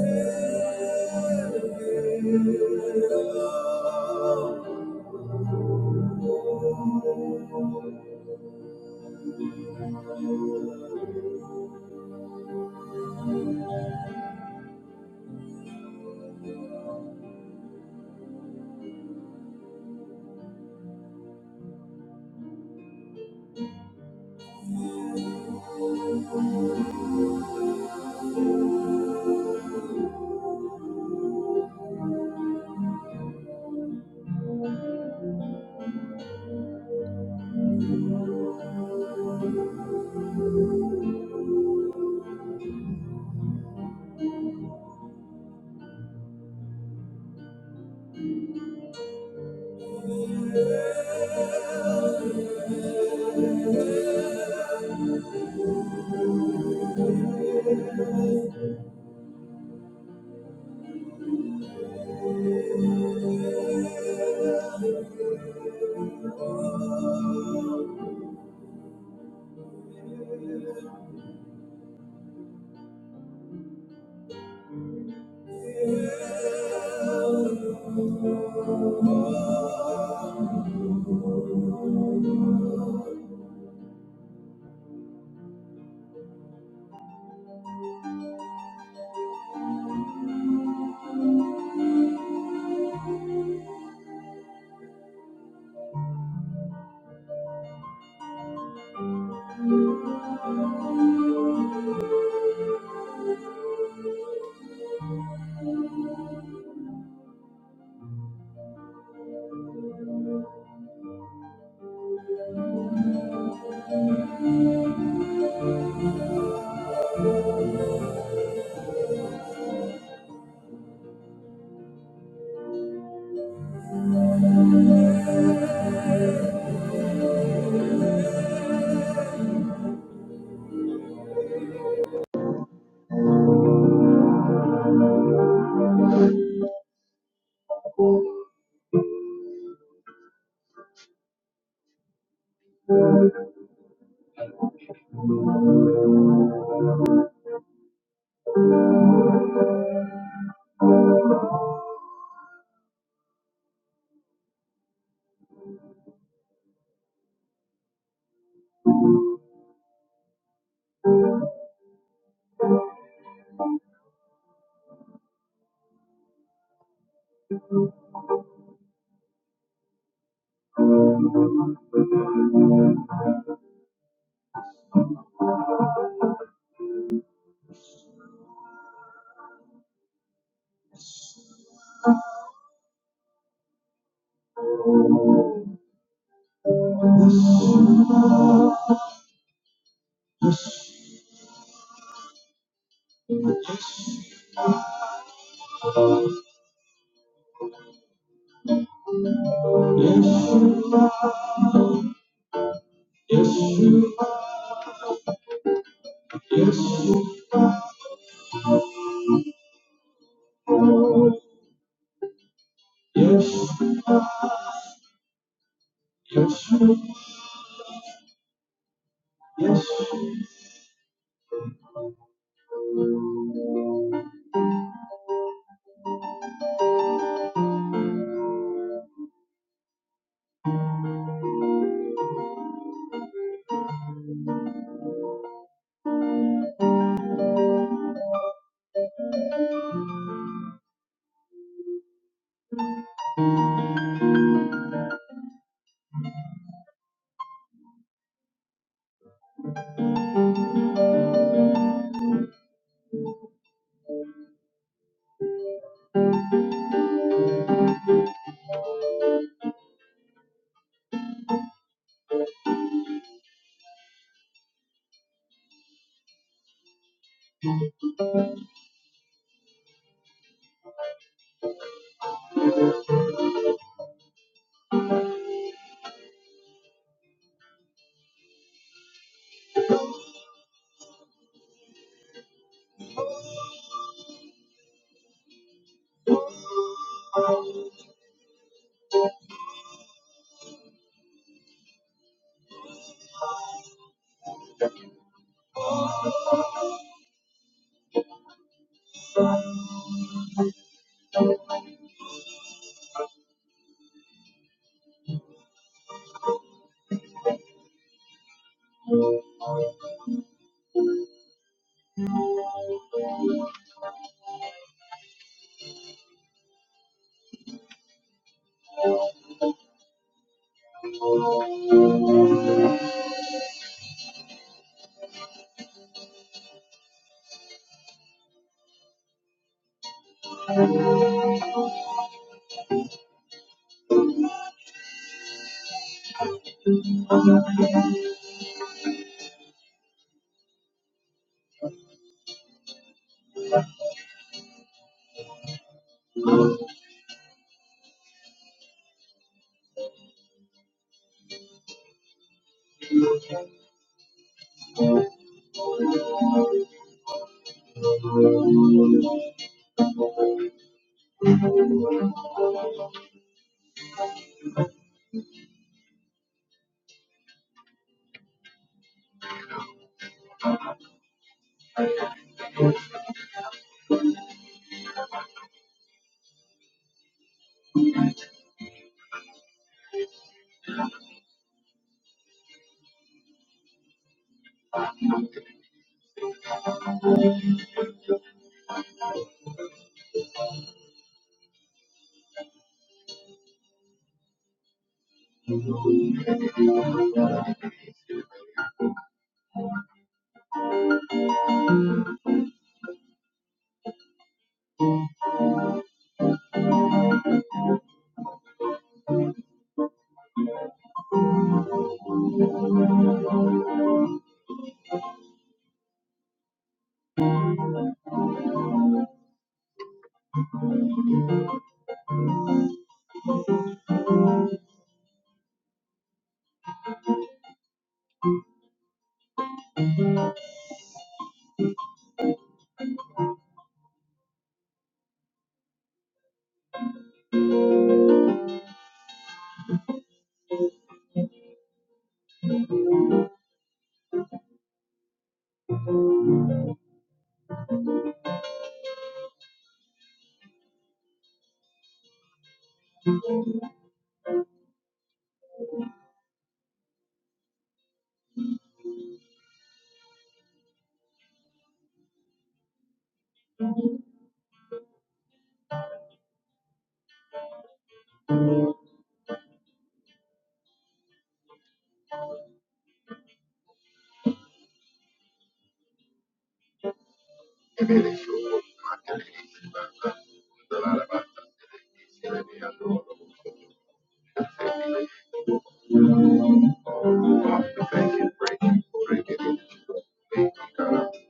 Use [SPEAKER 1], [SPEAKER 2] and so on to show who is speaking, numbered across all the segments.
[SPEAKER 1] Yes, yes, you, yes, you, yes, yes, you, yes. you.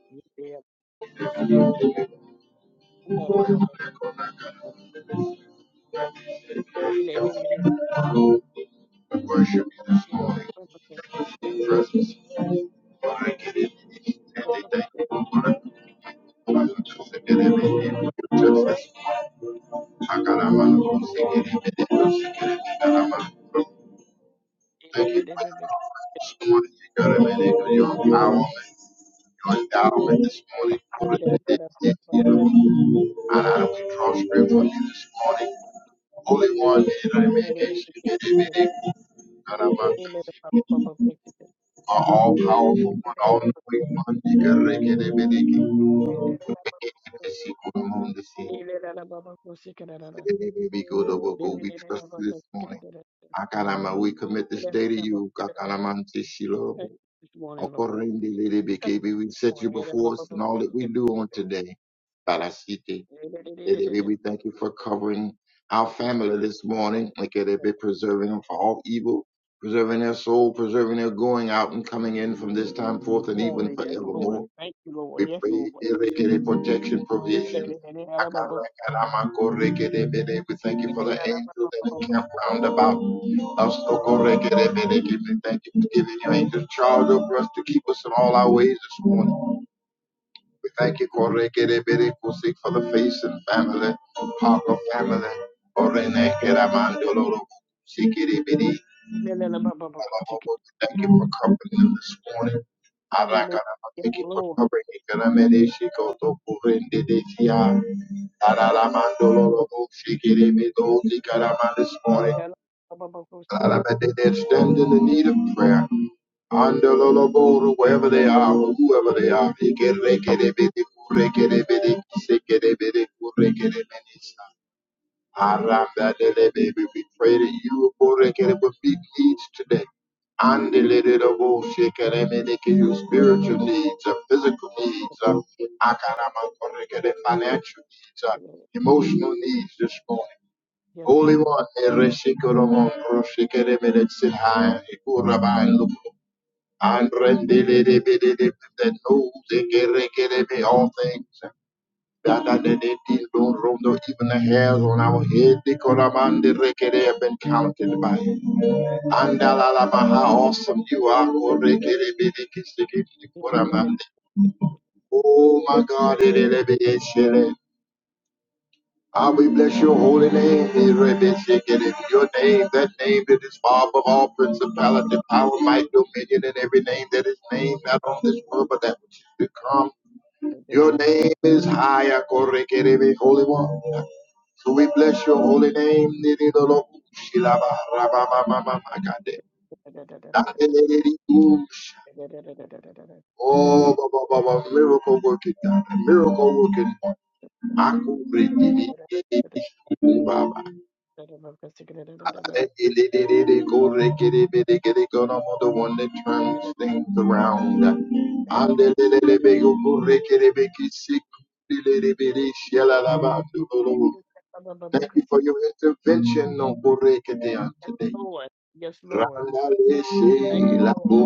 [SPEAKER 2] India, Andara, Baba, related in a property, or Baba,
[SPEAKER 1] Thank you
[SPEAKER 2] related
[SPEAKER 1] this morning, you got God, amen, for your power and your endowment this morning. For the day that you know, and I we draw strength from you this morning. Holy One, you know, amen, our all powerful one, all knowing one. Nigga,
[SPEAKER 2] every
[SPEAKER 1] We trust you this morning. Akalama, we commit this day to you. Kakalamanti Shilo.
[SPEAKER 2] This morning, Lord.
[SPEAKER 1] Okorende lelebeke. We set you before us in all that we do on today.
[SPEAKER 2] This
[SPEAKER 1] Ekerebi, We thank you for covering our
[SPEAKER 2] morning,
[SPEAKER 1] family this
[SPEAKER 2] Yes,
[SPEAKER 1] morning. Ekerebi, Preserving them from all evil, preserving their soul, preserving their going out and coming in from this time forth and even
[SPEAKER 2] Lord. Yes, Lord.
[SPEAKER 1] forevermore.
[SPEAKER 2] Thank you, Lord.
[SPEAKER 1] We
[SPEAKER 2] Yes, Lord.
[SPEAKER 1] pray Ekerebi, protection, provision. Akarakaramakorekerebede. We thank you for the angels that encamp round about us. Okorekerebede. We thank you for giving your angels charge over us to keep us in all our ways this morning. We thank you, Kore Kere Bere Kusik, for the face and family, Parker family, Orene Kera Mandolo Robo Kusikiri Biri. we Thank you for covering them this morning. Arakarama, Thank you for covering Ikaramene Shikoto Kurende Desia. Araramandolo Robo Shikiri Bido Zikaraman this morning. Alabama, They're standing in need of prayer. Under Loloboro, wherever they are, or whoever they are, they get rekerebidi, kurekerebidi, kisekerebidi, kurekerebidi. Aramba delebebe, we pray that you kurekere, will meet needs today. Andelelebo, shekerebidi, give you spiritual needs, uh, physical needs, uh, financial needs, uh, emotional needs this morning.
[SPEAKER 2] Yes,
[SPEAKER 1] Holy
[SPEAKER 2] Lord.
[SPEAKER 1] One, Ereshikoromo, Roshikerebele, Sihai, Ikurabai, Lupo, Andrendelebele, that knows Ekerekerebe, all things. That that that they did don't roam, though even the hairs on our head, the
[SPEAKER 2] Yes,
[SPEAKER 1] Koraman, the Rekere have been counted by you. Andalalabaha, how awesome you are. Korekerebele, Kisikiti, Koramande. Oh my God, Erelebe, Eshele. Ah, we bless your holy name, Erebeshik, and in your name, that name that is far above all principality, power, might, dominion, and every name that is named, not on this world, but that which is to come. Your name is higher, Korekerebe, Holy One. So we bless your holy name, Nididoloku, Shilaba, Rabamamamamakade, Dadededidikush. Oh, ba, ba, ba, ba, miracle working God, miracle working God. Makurikidikidikubaba. I'm the one that turns things around. I'm
[SPEAKER 2] Lord.
[SPEAKER 1] the little big old.
[SPEAKER 2] Yes,
[SPEAKER 1] Thank you for your intervention on Borekedea today.
[SPEAKER 2] Lord. Yes, Lord. Thank you, Lord.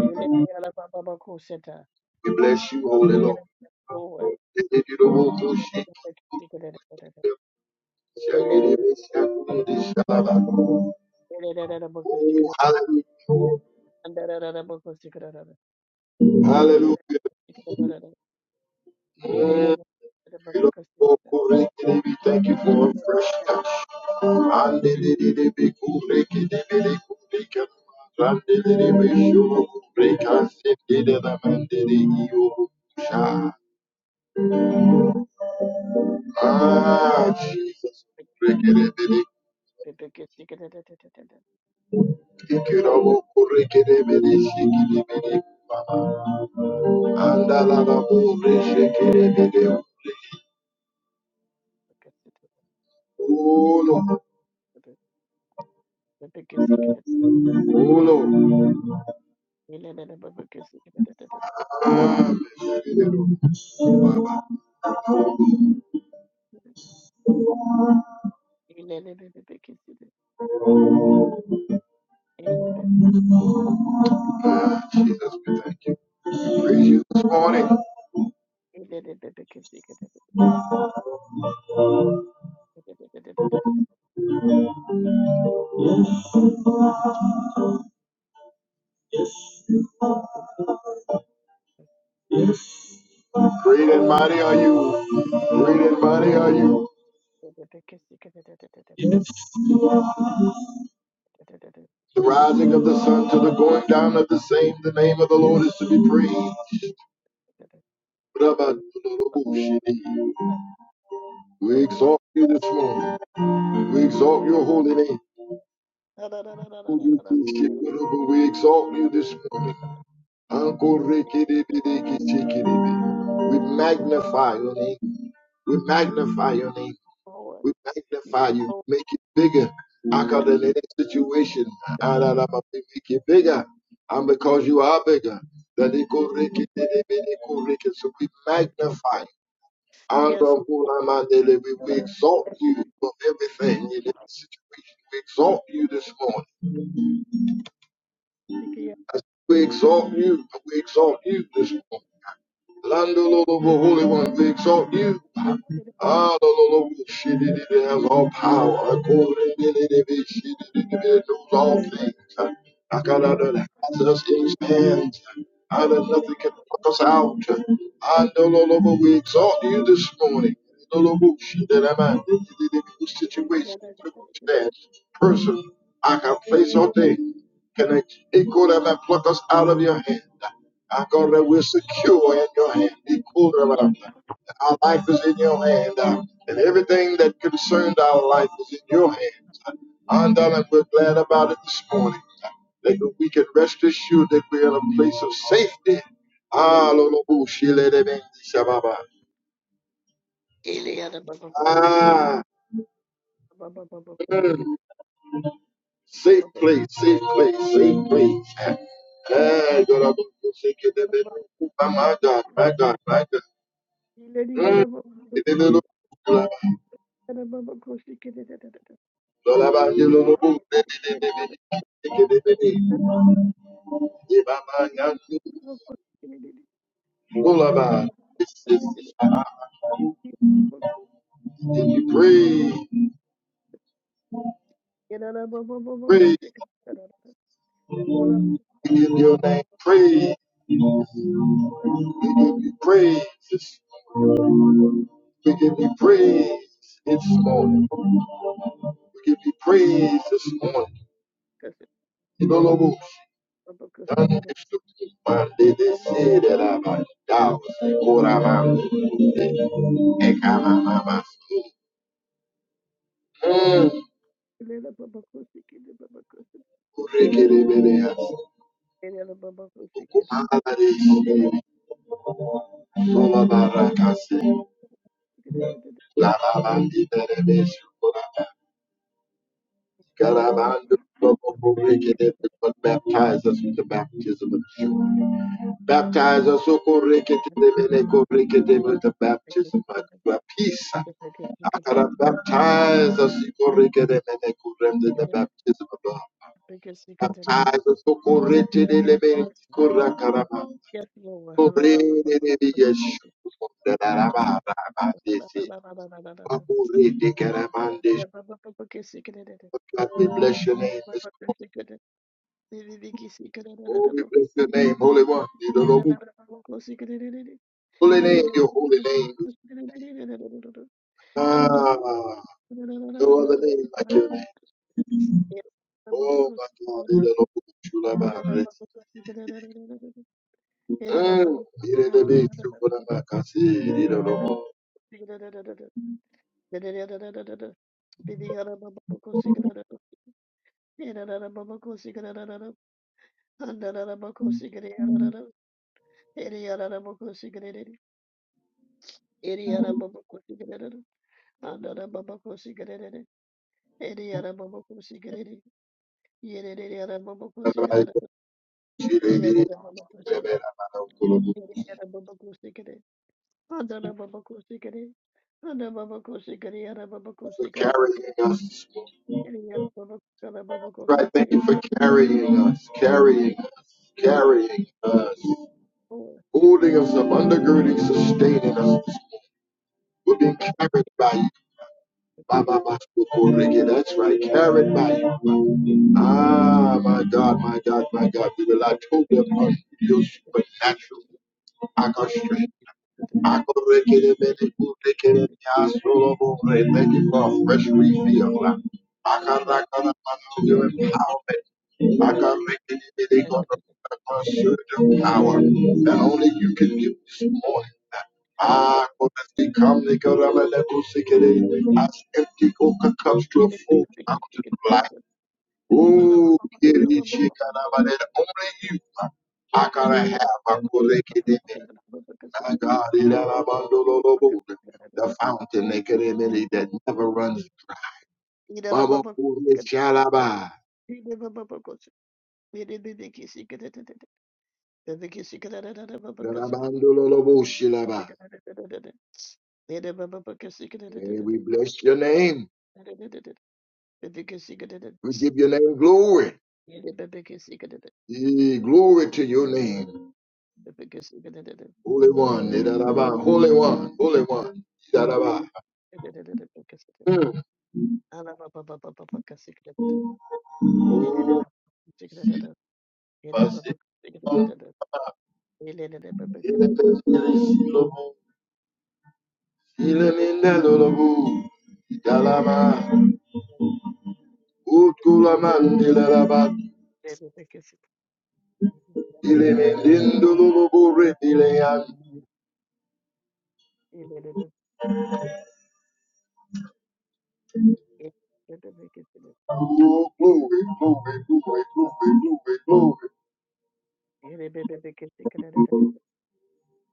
[SPEAKER 2] Ele-ele-ba-ba-ba-ko-sheta.
[SPEAKER 1] We bless you, Holy Lord.
[SPEAKER 2] Ele-ele, Lord. Ele-ele-ba-ba-ko-shikada-da-da-da-da. Ele-ele-ba-ba-ko-shikada.
[SPEAKER 1] Oh, hallelujah.
[SPEAKER 2] Ele-ele-ba-ba-ko-shikada.
[SPEAKER 1] Hallelujah.
[SPEAKER 2] Ele-ele-ba-ba-ko-shikada-da-da. Ele-ele-ba-ba-ko-shikada-da-da-da. Ele-ele-ba-ba-ko-shikada.
[SPEAKER 1] We
[SPEAKER 2] Ele-ele-ba-ba-ko-shikada. Ele-ele-ba-ba-ko-shikada-da-da-da-da.
[SPEAKER 1] thank you for a fresh
[SPEAKER 2] Ele-ele-ba-ba-ko-shikada.
[SPEAKER 1] touch. Ah, Jesus. Andalaba, Oh, Lord. Oh, Lord.
[SPEAKER 2] Ele-ele-ba-ba-ko-shikada-da-da-da.
[SPEAKER 1] Ah.
[SPEAKER 2] Lord. Yes, Lord. Yes, Lord. Yes, Lord. Yes, Lord.
[SPEAKER 1] Jesus, we thank you. Praise you this morning. Great and mighty are you. Great and mighty are you.
[SPEAKER 2] Yes,
[SPEAKER 1] The rising of the sun to the going down of the same, the name of the Lord is to be praised. We exalt you this morning. We exalt your holy name. We exalt you this morning. We magnify your name. We magnify your name. We magnify you, make it bigger. I got in any situation, and I'm gonna make it bigger. And because you are bigger, that it could make it, it could make it, so we magnify
[SPEAKER 2] Lord.
[SPEAKER 1] you. And
[SPEAKER 2] Yes.
[SPEAKER 1] we we exalt you for everything in this situation. We exalt you this morning. Yes, We exalt you. We exalt you this morning. Landololobo, Holy One, we exalt you. Adololobo, Shidididi has all power. I call Akorindididi, Shidididi knows all things. I got Akadada has us in his hands. And nothing can pluck us out. Andololobo, we exalt you this morning. Lolo, she Lolobo, Shidididi, situation, circumstance, person, I can place or thing. Can I equal that and pluck us out of your hand? I God, that we're secure in your hand. Be cool around
[SPEAKER 2] Lord.
[SPEAKER 1] that. Our life is in your hand, uh, and everything that concerns our life is in your hands. Uh, And darling, we're glad about it this morning. Uh, That we can rest assured that we're in a place of safety.
[SPEAKER 2] Yes,
[SPEAKER 1] Ah, Lolo Boo, Shile de Ben, Shababa.
[SPEAKER 2] Eliana,
[SPEAKER 1] Ah,
[SPEAKER 2] Baba,
[SPEAKER 1] mm, safe place, safe place, safe place. Ah, Lolo Boo, Shile de Ben, Shababa.
[SPEAKER 2] you.
[SPEAKER 1] My God, my God, my God. Mm. Lolo Bo, Lullaby, this is we give you praise, praise, we give your name praise, we give you praise, we give you praise this morning, we give you praise this morning. In the Lord, done this to me, man, they they Mm. Baptize us with the baptism of joy. Baptize us, O Korekete, Korekete, with the baptism of peace. Akara, Baptize us, Korekete, Korem, with the baptism of love. Baptize us, O Korekete,
[SPEAKER 2] Lord.
[SPEAKER 1] Korakarama,
[SPEAKER 2] Yes, Lord. Hallelujah.
[SPEAKER 1] Korekete, Yeshua. God, we bless your name. this morning. Oh, we bless your name, Holy One. You don't Holy name, your holy name. Ah, no other name like your name. Oh, my God. You don't you are,
[SPEAKER 2] Andara
[SPEAKER 1] Mm,
[SPEAKER 2] baba
[SPEAKER 1] my cousin, you
[SPEAKER 2] kosi kare, Ana baba kosi kare,
[SPEAKER 1] you don't know you don't know my you
[SPEAKER 2] ana baba
[SPEAKER 1] For
[SPEAKER 2] kosi kare,
[SPEAKER 1] carrying us.
[SPEAKER 2] Yes, Lord. Yes, Lord. Yes, Lord. Yes,
[SPEAKER 1] Right, thank you for carrying us, carrying us, carrying us. holding us up, undergirding, sustaining us. We're being carried by you. Ba, ba, ba, so, oh, That's right, carried by you. Ah, my God, my God, my God. We rely totally upon your supernatural. Akashre. Thank you for a fresh refill.
[SPEAKER 2] Lord.
[SPEAKER 1] Akarakana,
[SPEAKER 2] Yes,
[SPEAKER 1] Your
[SPEAKER 2] Lord.
[SPEAKER 1] empowerment. Akarekele,
[SPEAKER 2] Yes,
[SPEAKER 1] God, Your power that only you can give this morning. Ah, come as empty coca cups to a full fountain of life. Oh, Kirishi Karamele, only you. I gotta have. a Korekele. My God, Ilalabandololobo, the fountain Ekeremene, that never runs. dry. Baba, Kure Shalaba,
[SPEAKER 2] Lord.
[SPEAKER 1] Ilalabandololobo
[SPEAKER 2] Ele
[SPEAKER 1] Shilaba. Eh, We bless your name. We give your name glory. Eh, Glory to your name. Holy One, Ilalaba, Holy One, Holy One. Ilalaba. Hmm. Basiko, Ilalabandololobo, Ilalabandololobo, Ilalama, Utkulamandilalabat. Hallelujah.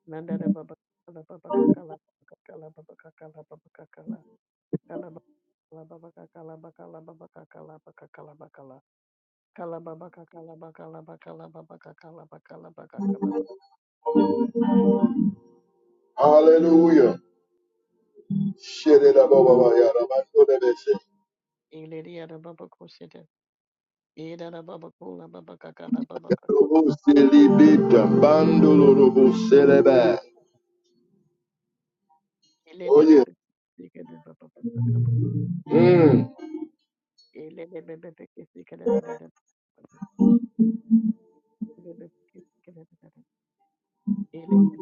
[SPEAKER 2] Nandada Baba Kala Baba Kakala Kakala Baba Kakala Baba Kakala Kala Baba Kakala Bakala Baba Kakala Bakakala Bakala Kala Baba Kakala Bakala Bakala Baba Kakala Bakala Bakakala Ilidia Baba Kusita Ida Baba Kula Baba Kakala Baba Kakala Ilele
[SPEAKER 1] Oh yeah.
[SPEAKER 2] Bebe Sikana Baba Kakala
[SPEAKER 1] Mm.
[SPEAKER 2] Ilele Bebe Sikana Baba Bebe Sikana Ilele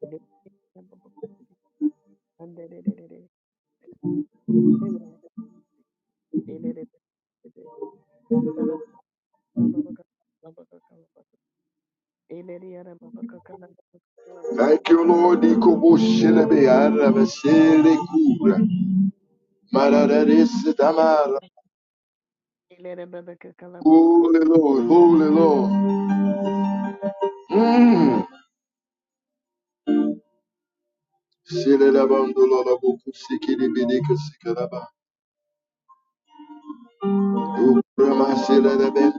[SPEAKER 2] Bebe Sikana Baba Thank
[SPEAKER 1] Thank you, Lord. Holy Lord, Holy Lord. Mm. Sele la bandolo la boku sikiri bidika sikara ba. Thank you,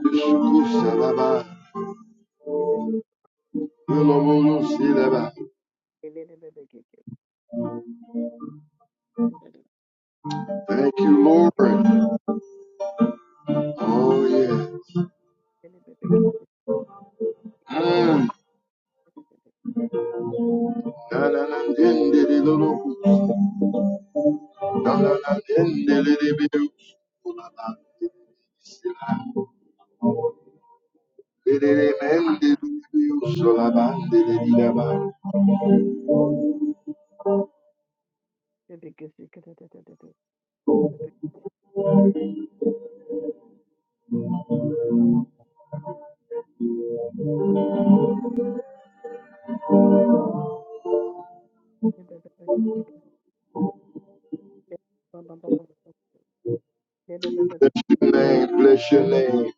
[SPEAKER 1] Lord. Oh, yeah. Mm. So, si, So, Bless your name. Bless your name.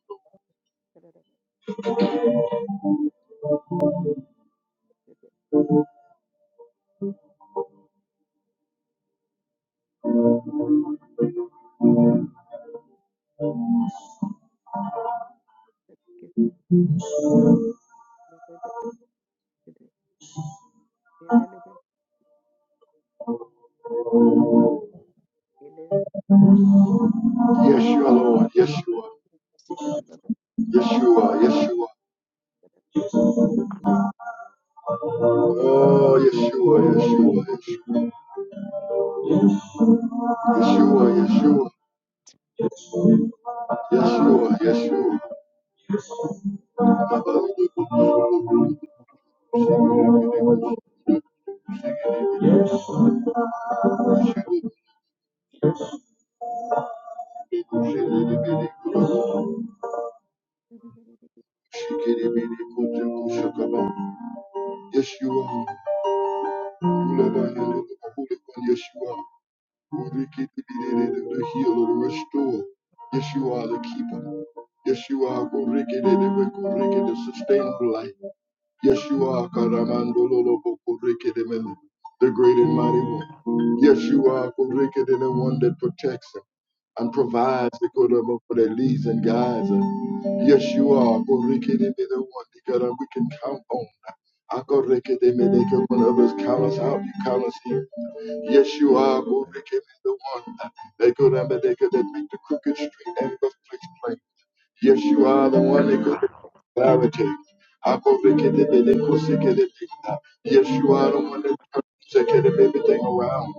[SPEAKER 2] you.
[SPEAKER 1] Yes, you are, Lord. Yes, you are.
[SPEAKER 2] let
[SPEAKER 1] Yes, you are. Yes, you are. Oh, yes, Yes, you are. Yes, you are. Yes, you are. Yes, you are. Yes, Lord. Yes, Lord. Yes. Yes, Yes, you are. Yes, you are. The healer, the restorer. Yes, you are the keeper. Yes, you are. The sustainer. Yes, you are. Karamandololobokorekedemene, The great and mighty one. Yes, you are. Korekede, The one that protects them and provides the good of for their leads and guides. them. Yes, you are. Korekede, The one that we can count on. Akorekedeme, they can- When others count us out, you count us in. Yes, you are. Korekede, The one that they could that make the crooked street and the place plain. Yes, you are the one that goes clarity. Akorekedebedekosekedebeda. Yes, you are the one that turns everything around.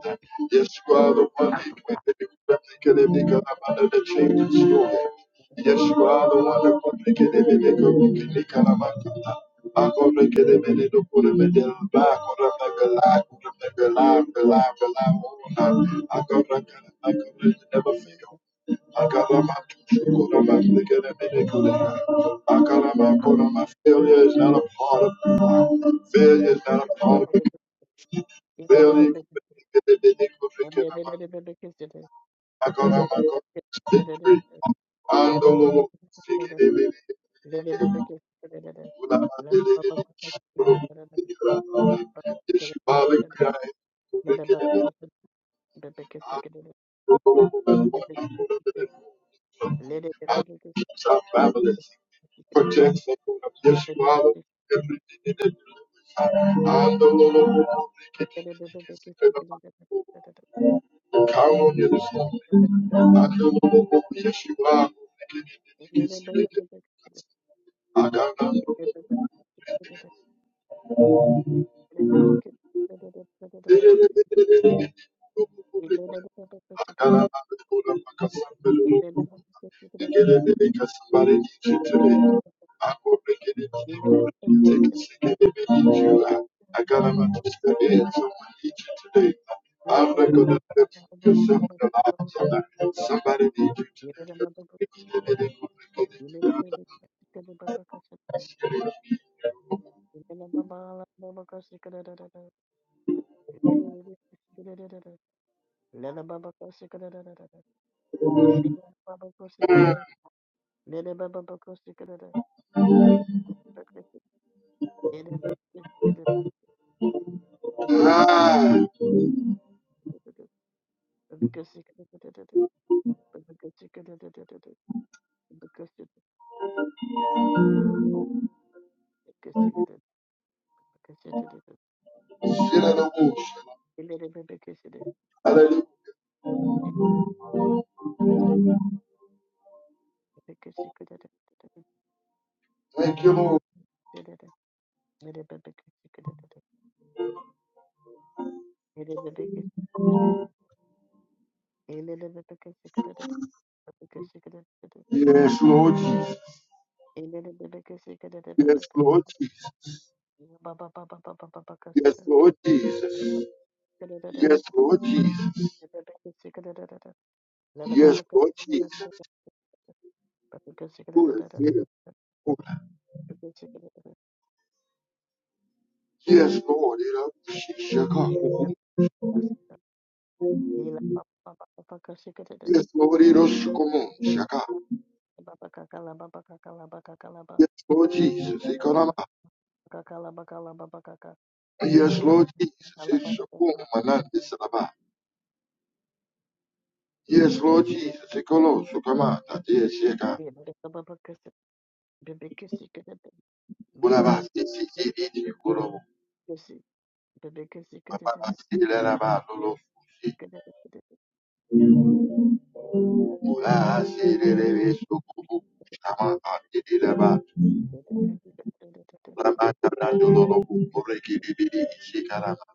[SPEAKER 1] Yes, you are the one that can make it because I'm under the that changes story. Yes, you are the one that can make it the baby go make it a man. I go make it the baby to put him in the can complicated Never fail. Akalama Shukulama Ligadamidikulia. Akalama Kolama. Failure is not a part of who you are. Failure is not a part of it. Failure Kulikidikulikinama. Akalama Kolama. Victory. Andolo. Sikidibidi. Ulama Dilididi. Yeshua Likia. Kulikididi. out of marvelous protect the Lord. Yes, you are everything in the universe. And the Lord will make it in the secret of Count on you this morning. And the Lord will yes, you are making the secret of
[SPEAKER 2] you.
[SPEAKER 1] my I
[SPEAKER 2] Lady
[SPEAKER 1] can't Somebody needs you today. I will make it into the take a second if it needs you. I, I got a man to step in, someone needs you today. I'm not gonna let you yourself in the lives of that. Somebody needs you today.
[SPEAKER 2] Baba Baba Kosikada, Baba
[SPEAKER 1] Ah, shit out of bullshit. Hallelujah. Thank you, Lord. Yes, Lord Jesus. Yes, Lord Jesus. Yes, Lord Jesus. Yes, Lord Jesus.
[SPEAKER 2] Bebek
[SPEAKER 1] Yes, Lord Jesus. Good and faithful. Yes, Lord. it up, Shaka. Yes, Lord. it up, Shakum, Shaka. Yes, Lord Jesus. Ikanama. Yes, Lord Jesus. It's Shakum, Manandi, Salaba. Yes, Lord Jesus. Ikolo, Sukama, Tatia, Shaka. Ulaba, Sisi, Sisi, Kurobo. Papa, Sisi, Lelaba, Lolo, Ula sererebe sokubu. Ama andeleba. rama tarandolo loku korekidibidi isikarama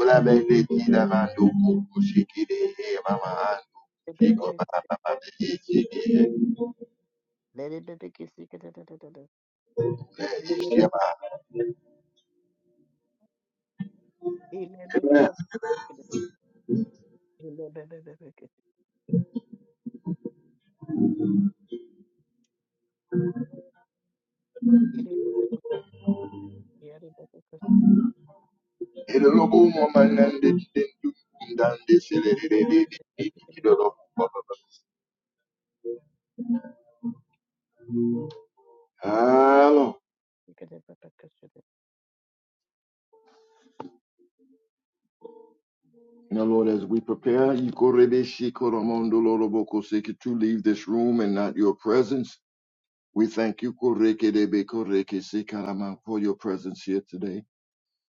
[SPEAKER 1] ula bende kila mando kushikide mama
[SPEAKER 2] Yes, Lord.
[SPEAKER 1] anfiko isikide
[SPEAKER 2] Yes,
[SPEAKER 1] usiama ele loku mama nande tendu ndande sererebe kilo loku Hello. Now, Lord, as we prepare, Ikorebe Shikoromondo Loroboko Seki, to leave this room and not your presence. We thank you, Kurekedebe Kurekesekarama, for your presence here today.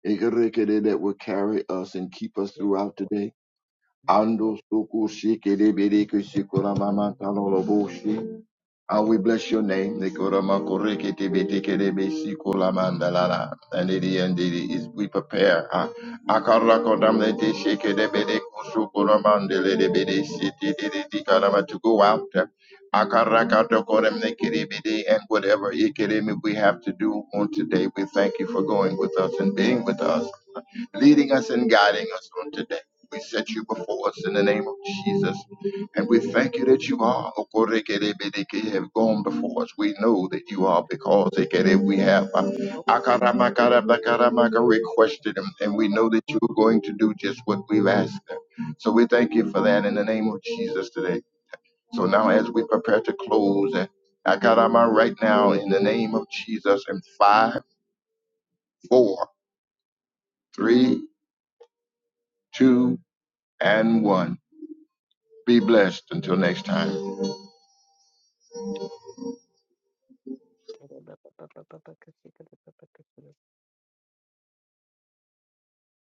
[SPEAKER 1] Ekerekede, That will carry us and keep us throughout today. Ando soko shekedebe dekesekorama
[SPEAKER 2] Lord.
[SPEAKER 1] mataloloboshi. Ah, we bless your name. Nikoramakoreketebitekerebesikolamandalala. And it and it is we prepare. ah. Akarakatamnetekerebedekusukoramandelebedesititikarama To go out. Akarakatokoremnekerebede. And whatever ikereme we have to do on today, we thank you for going with us and being with us, leading us and guiding us on today. We set you before us in the name of Jesus. And we thank you that you are, Okorekerebedeke, have gone before us. We know that you are
[SPEAKER 2] Yes,
[SPEAKER 1] because we have uh, Akaramakarabakaramaka requested them, and we know that you are going to do just what we've asked them. So we thank you for that in the name of Jesus today. So now, as we prepare to close, uh, Akarama right now in the name of Jesus, in five, four, three, two, and one. Be blessed until next time.
[SPEAKER 2] Lord. Yes, Lord.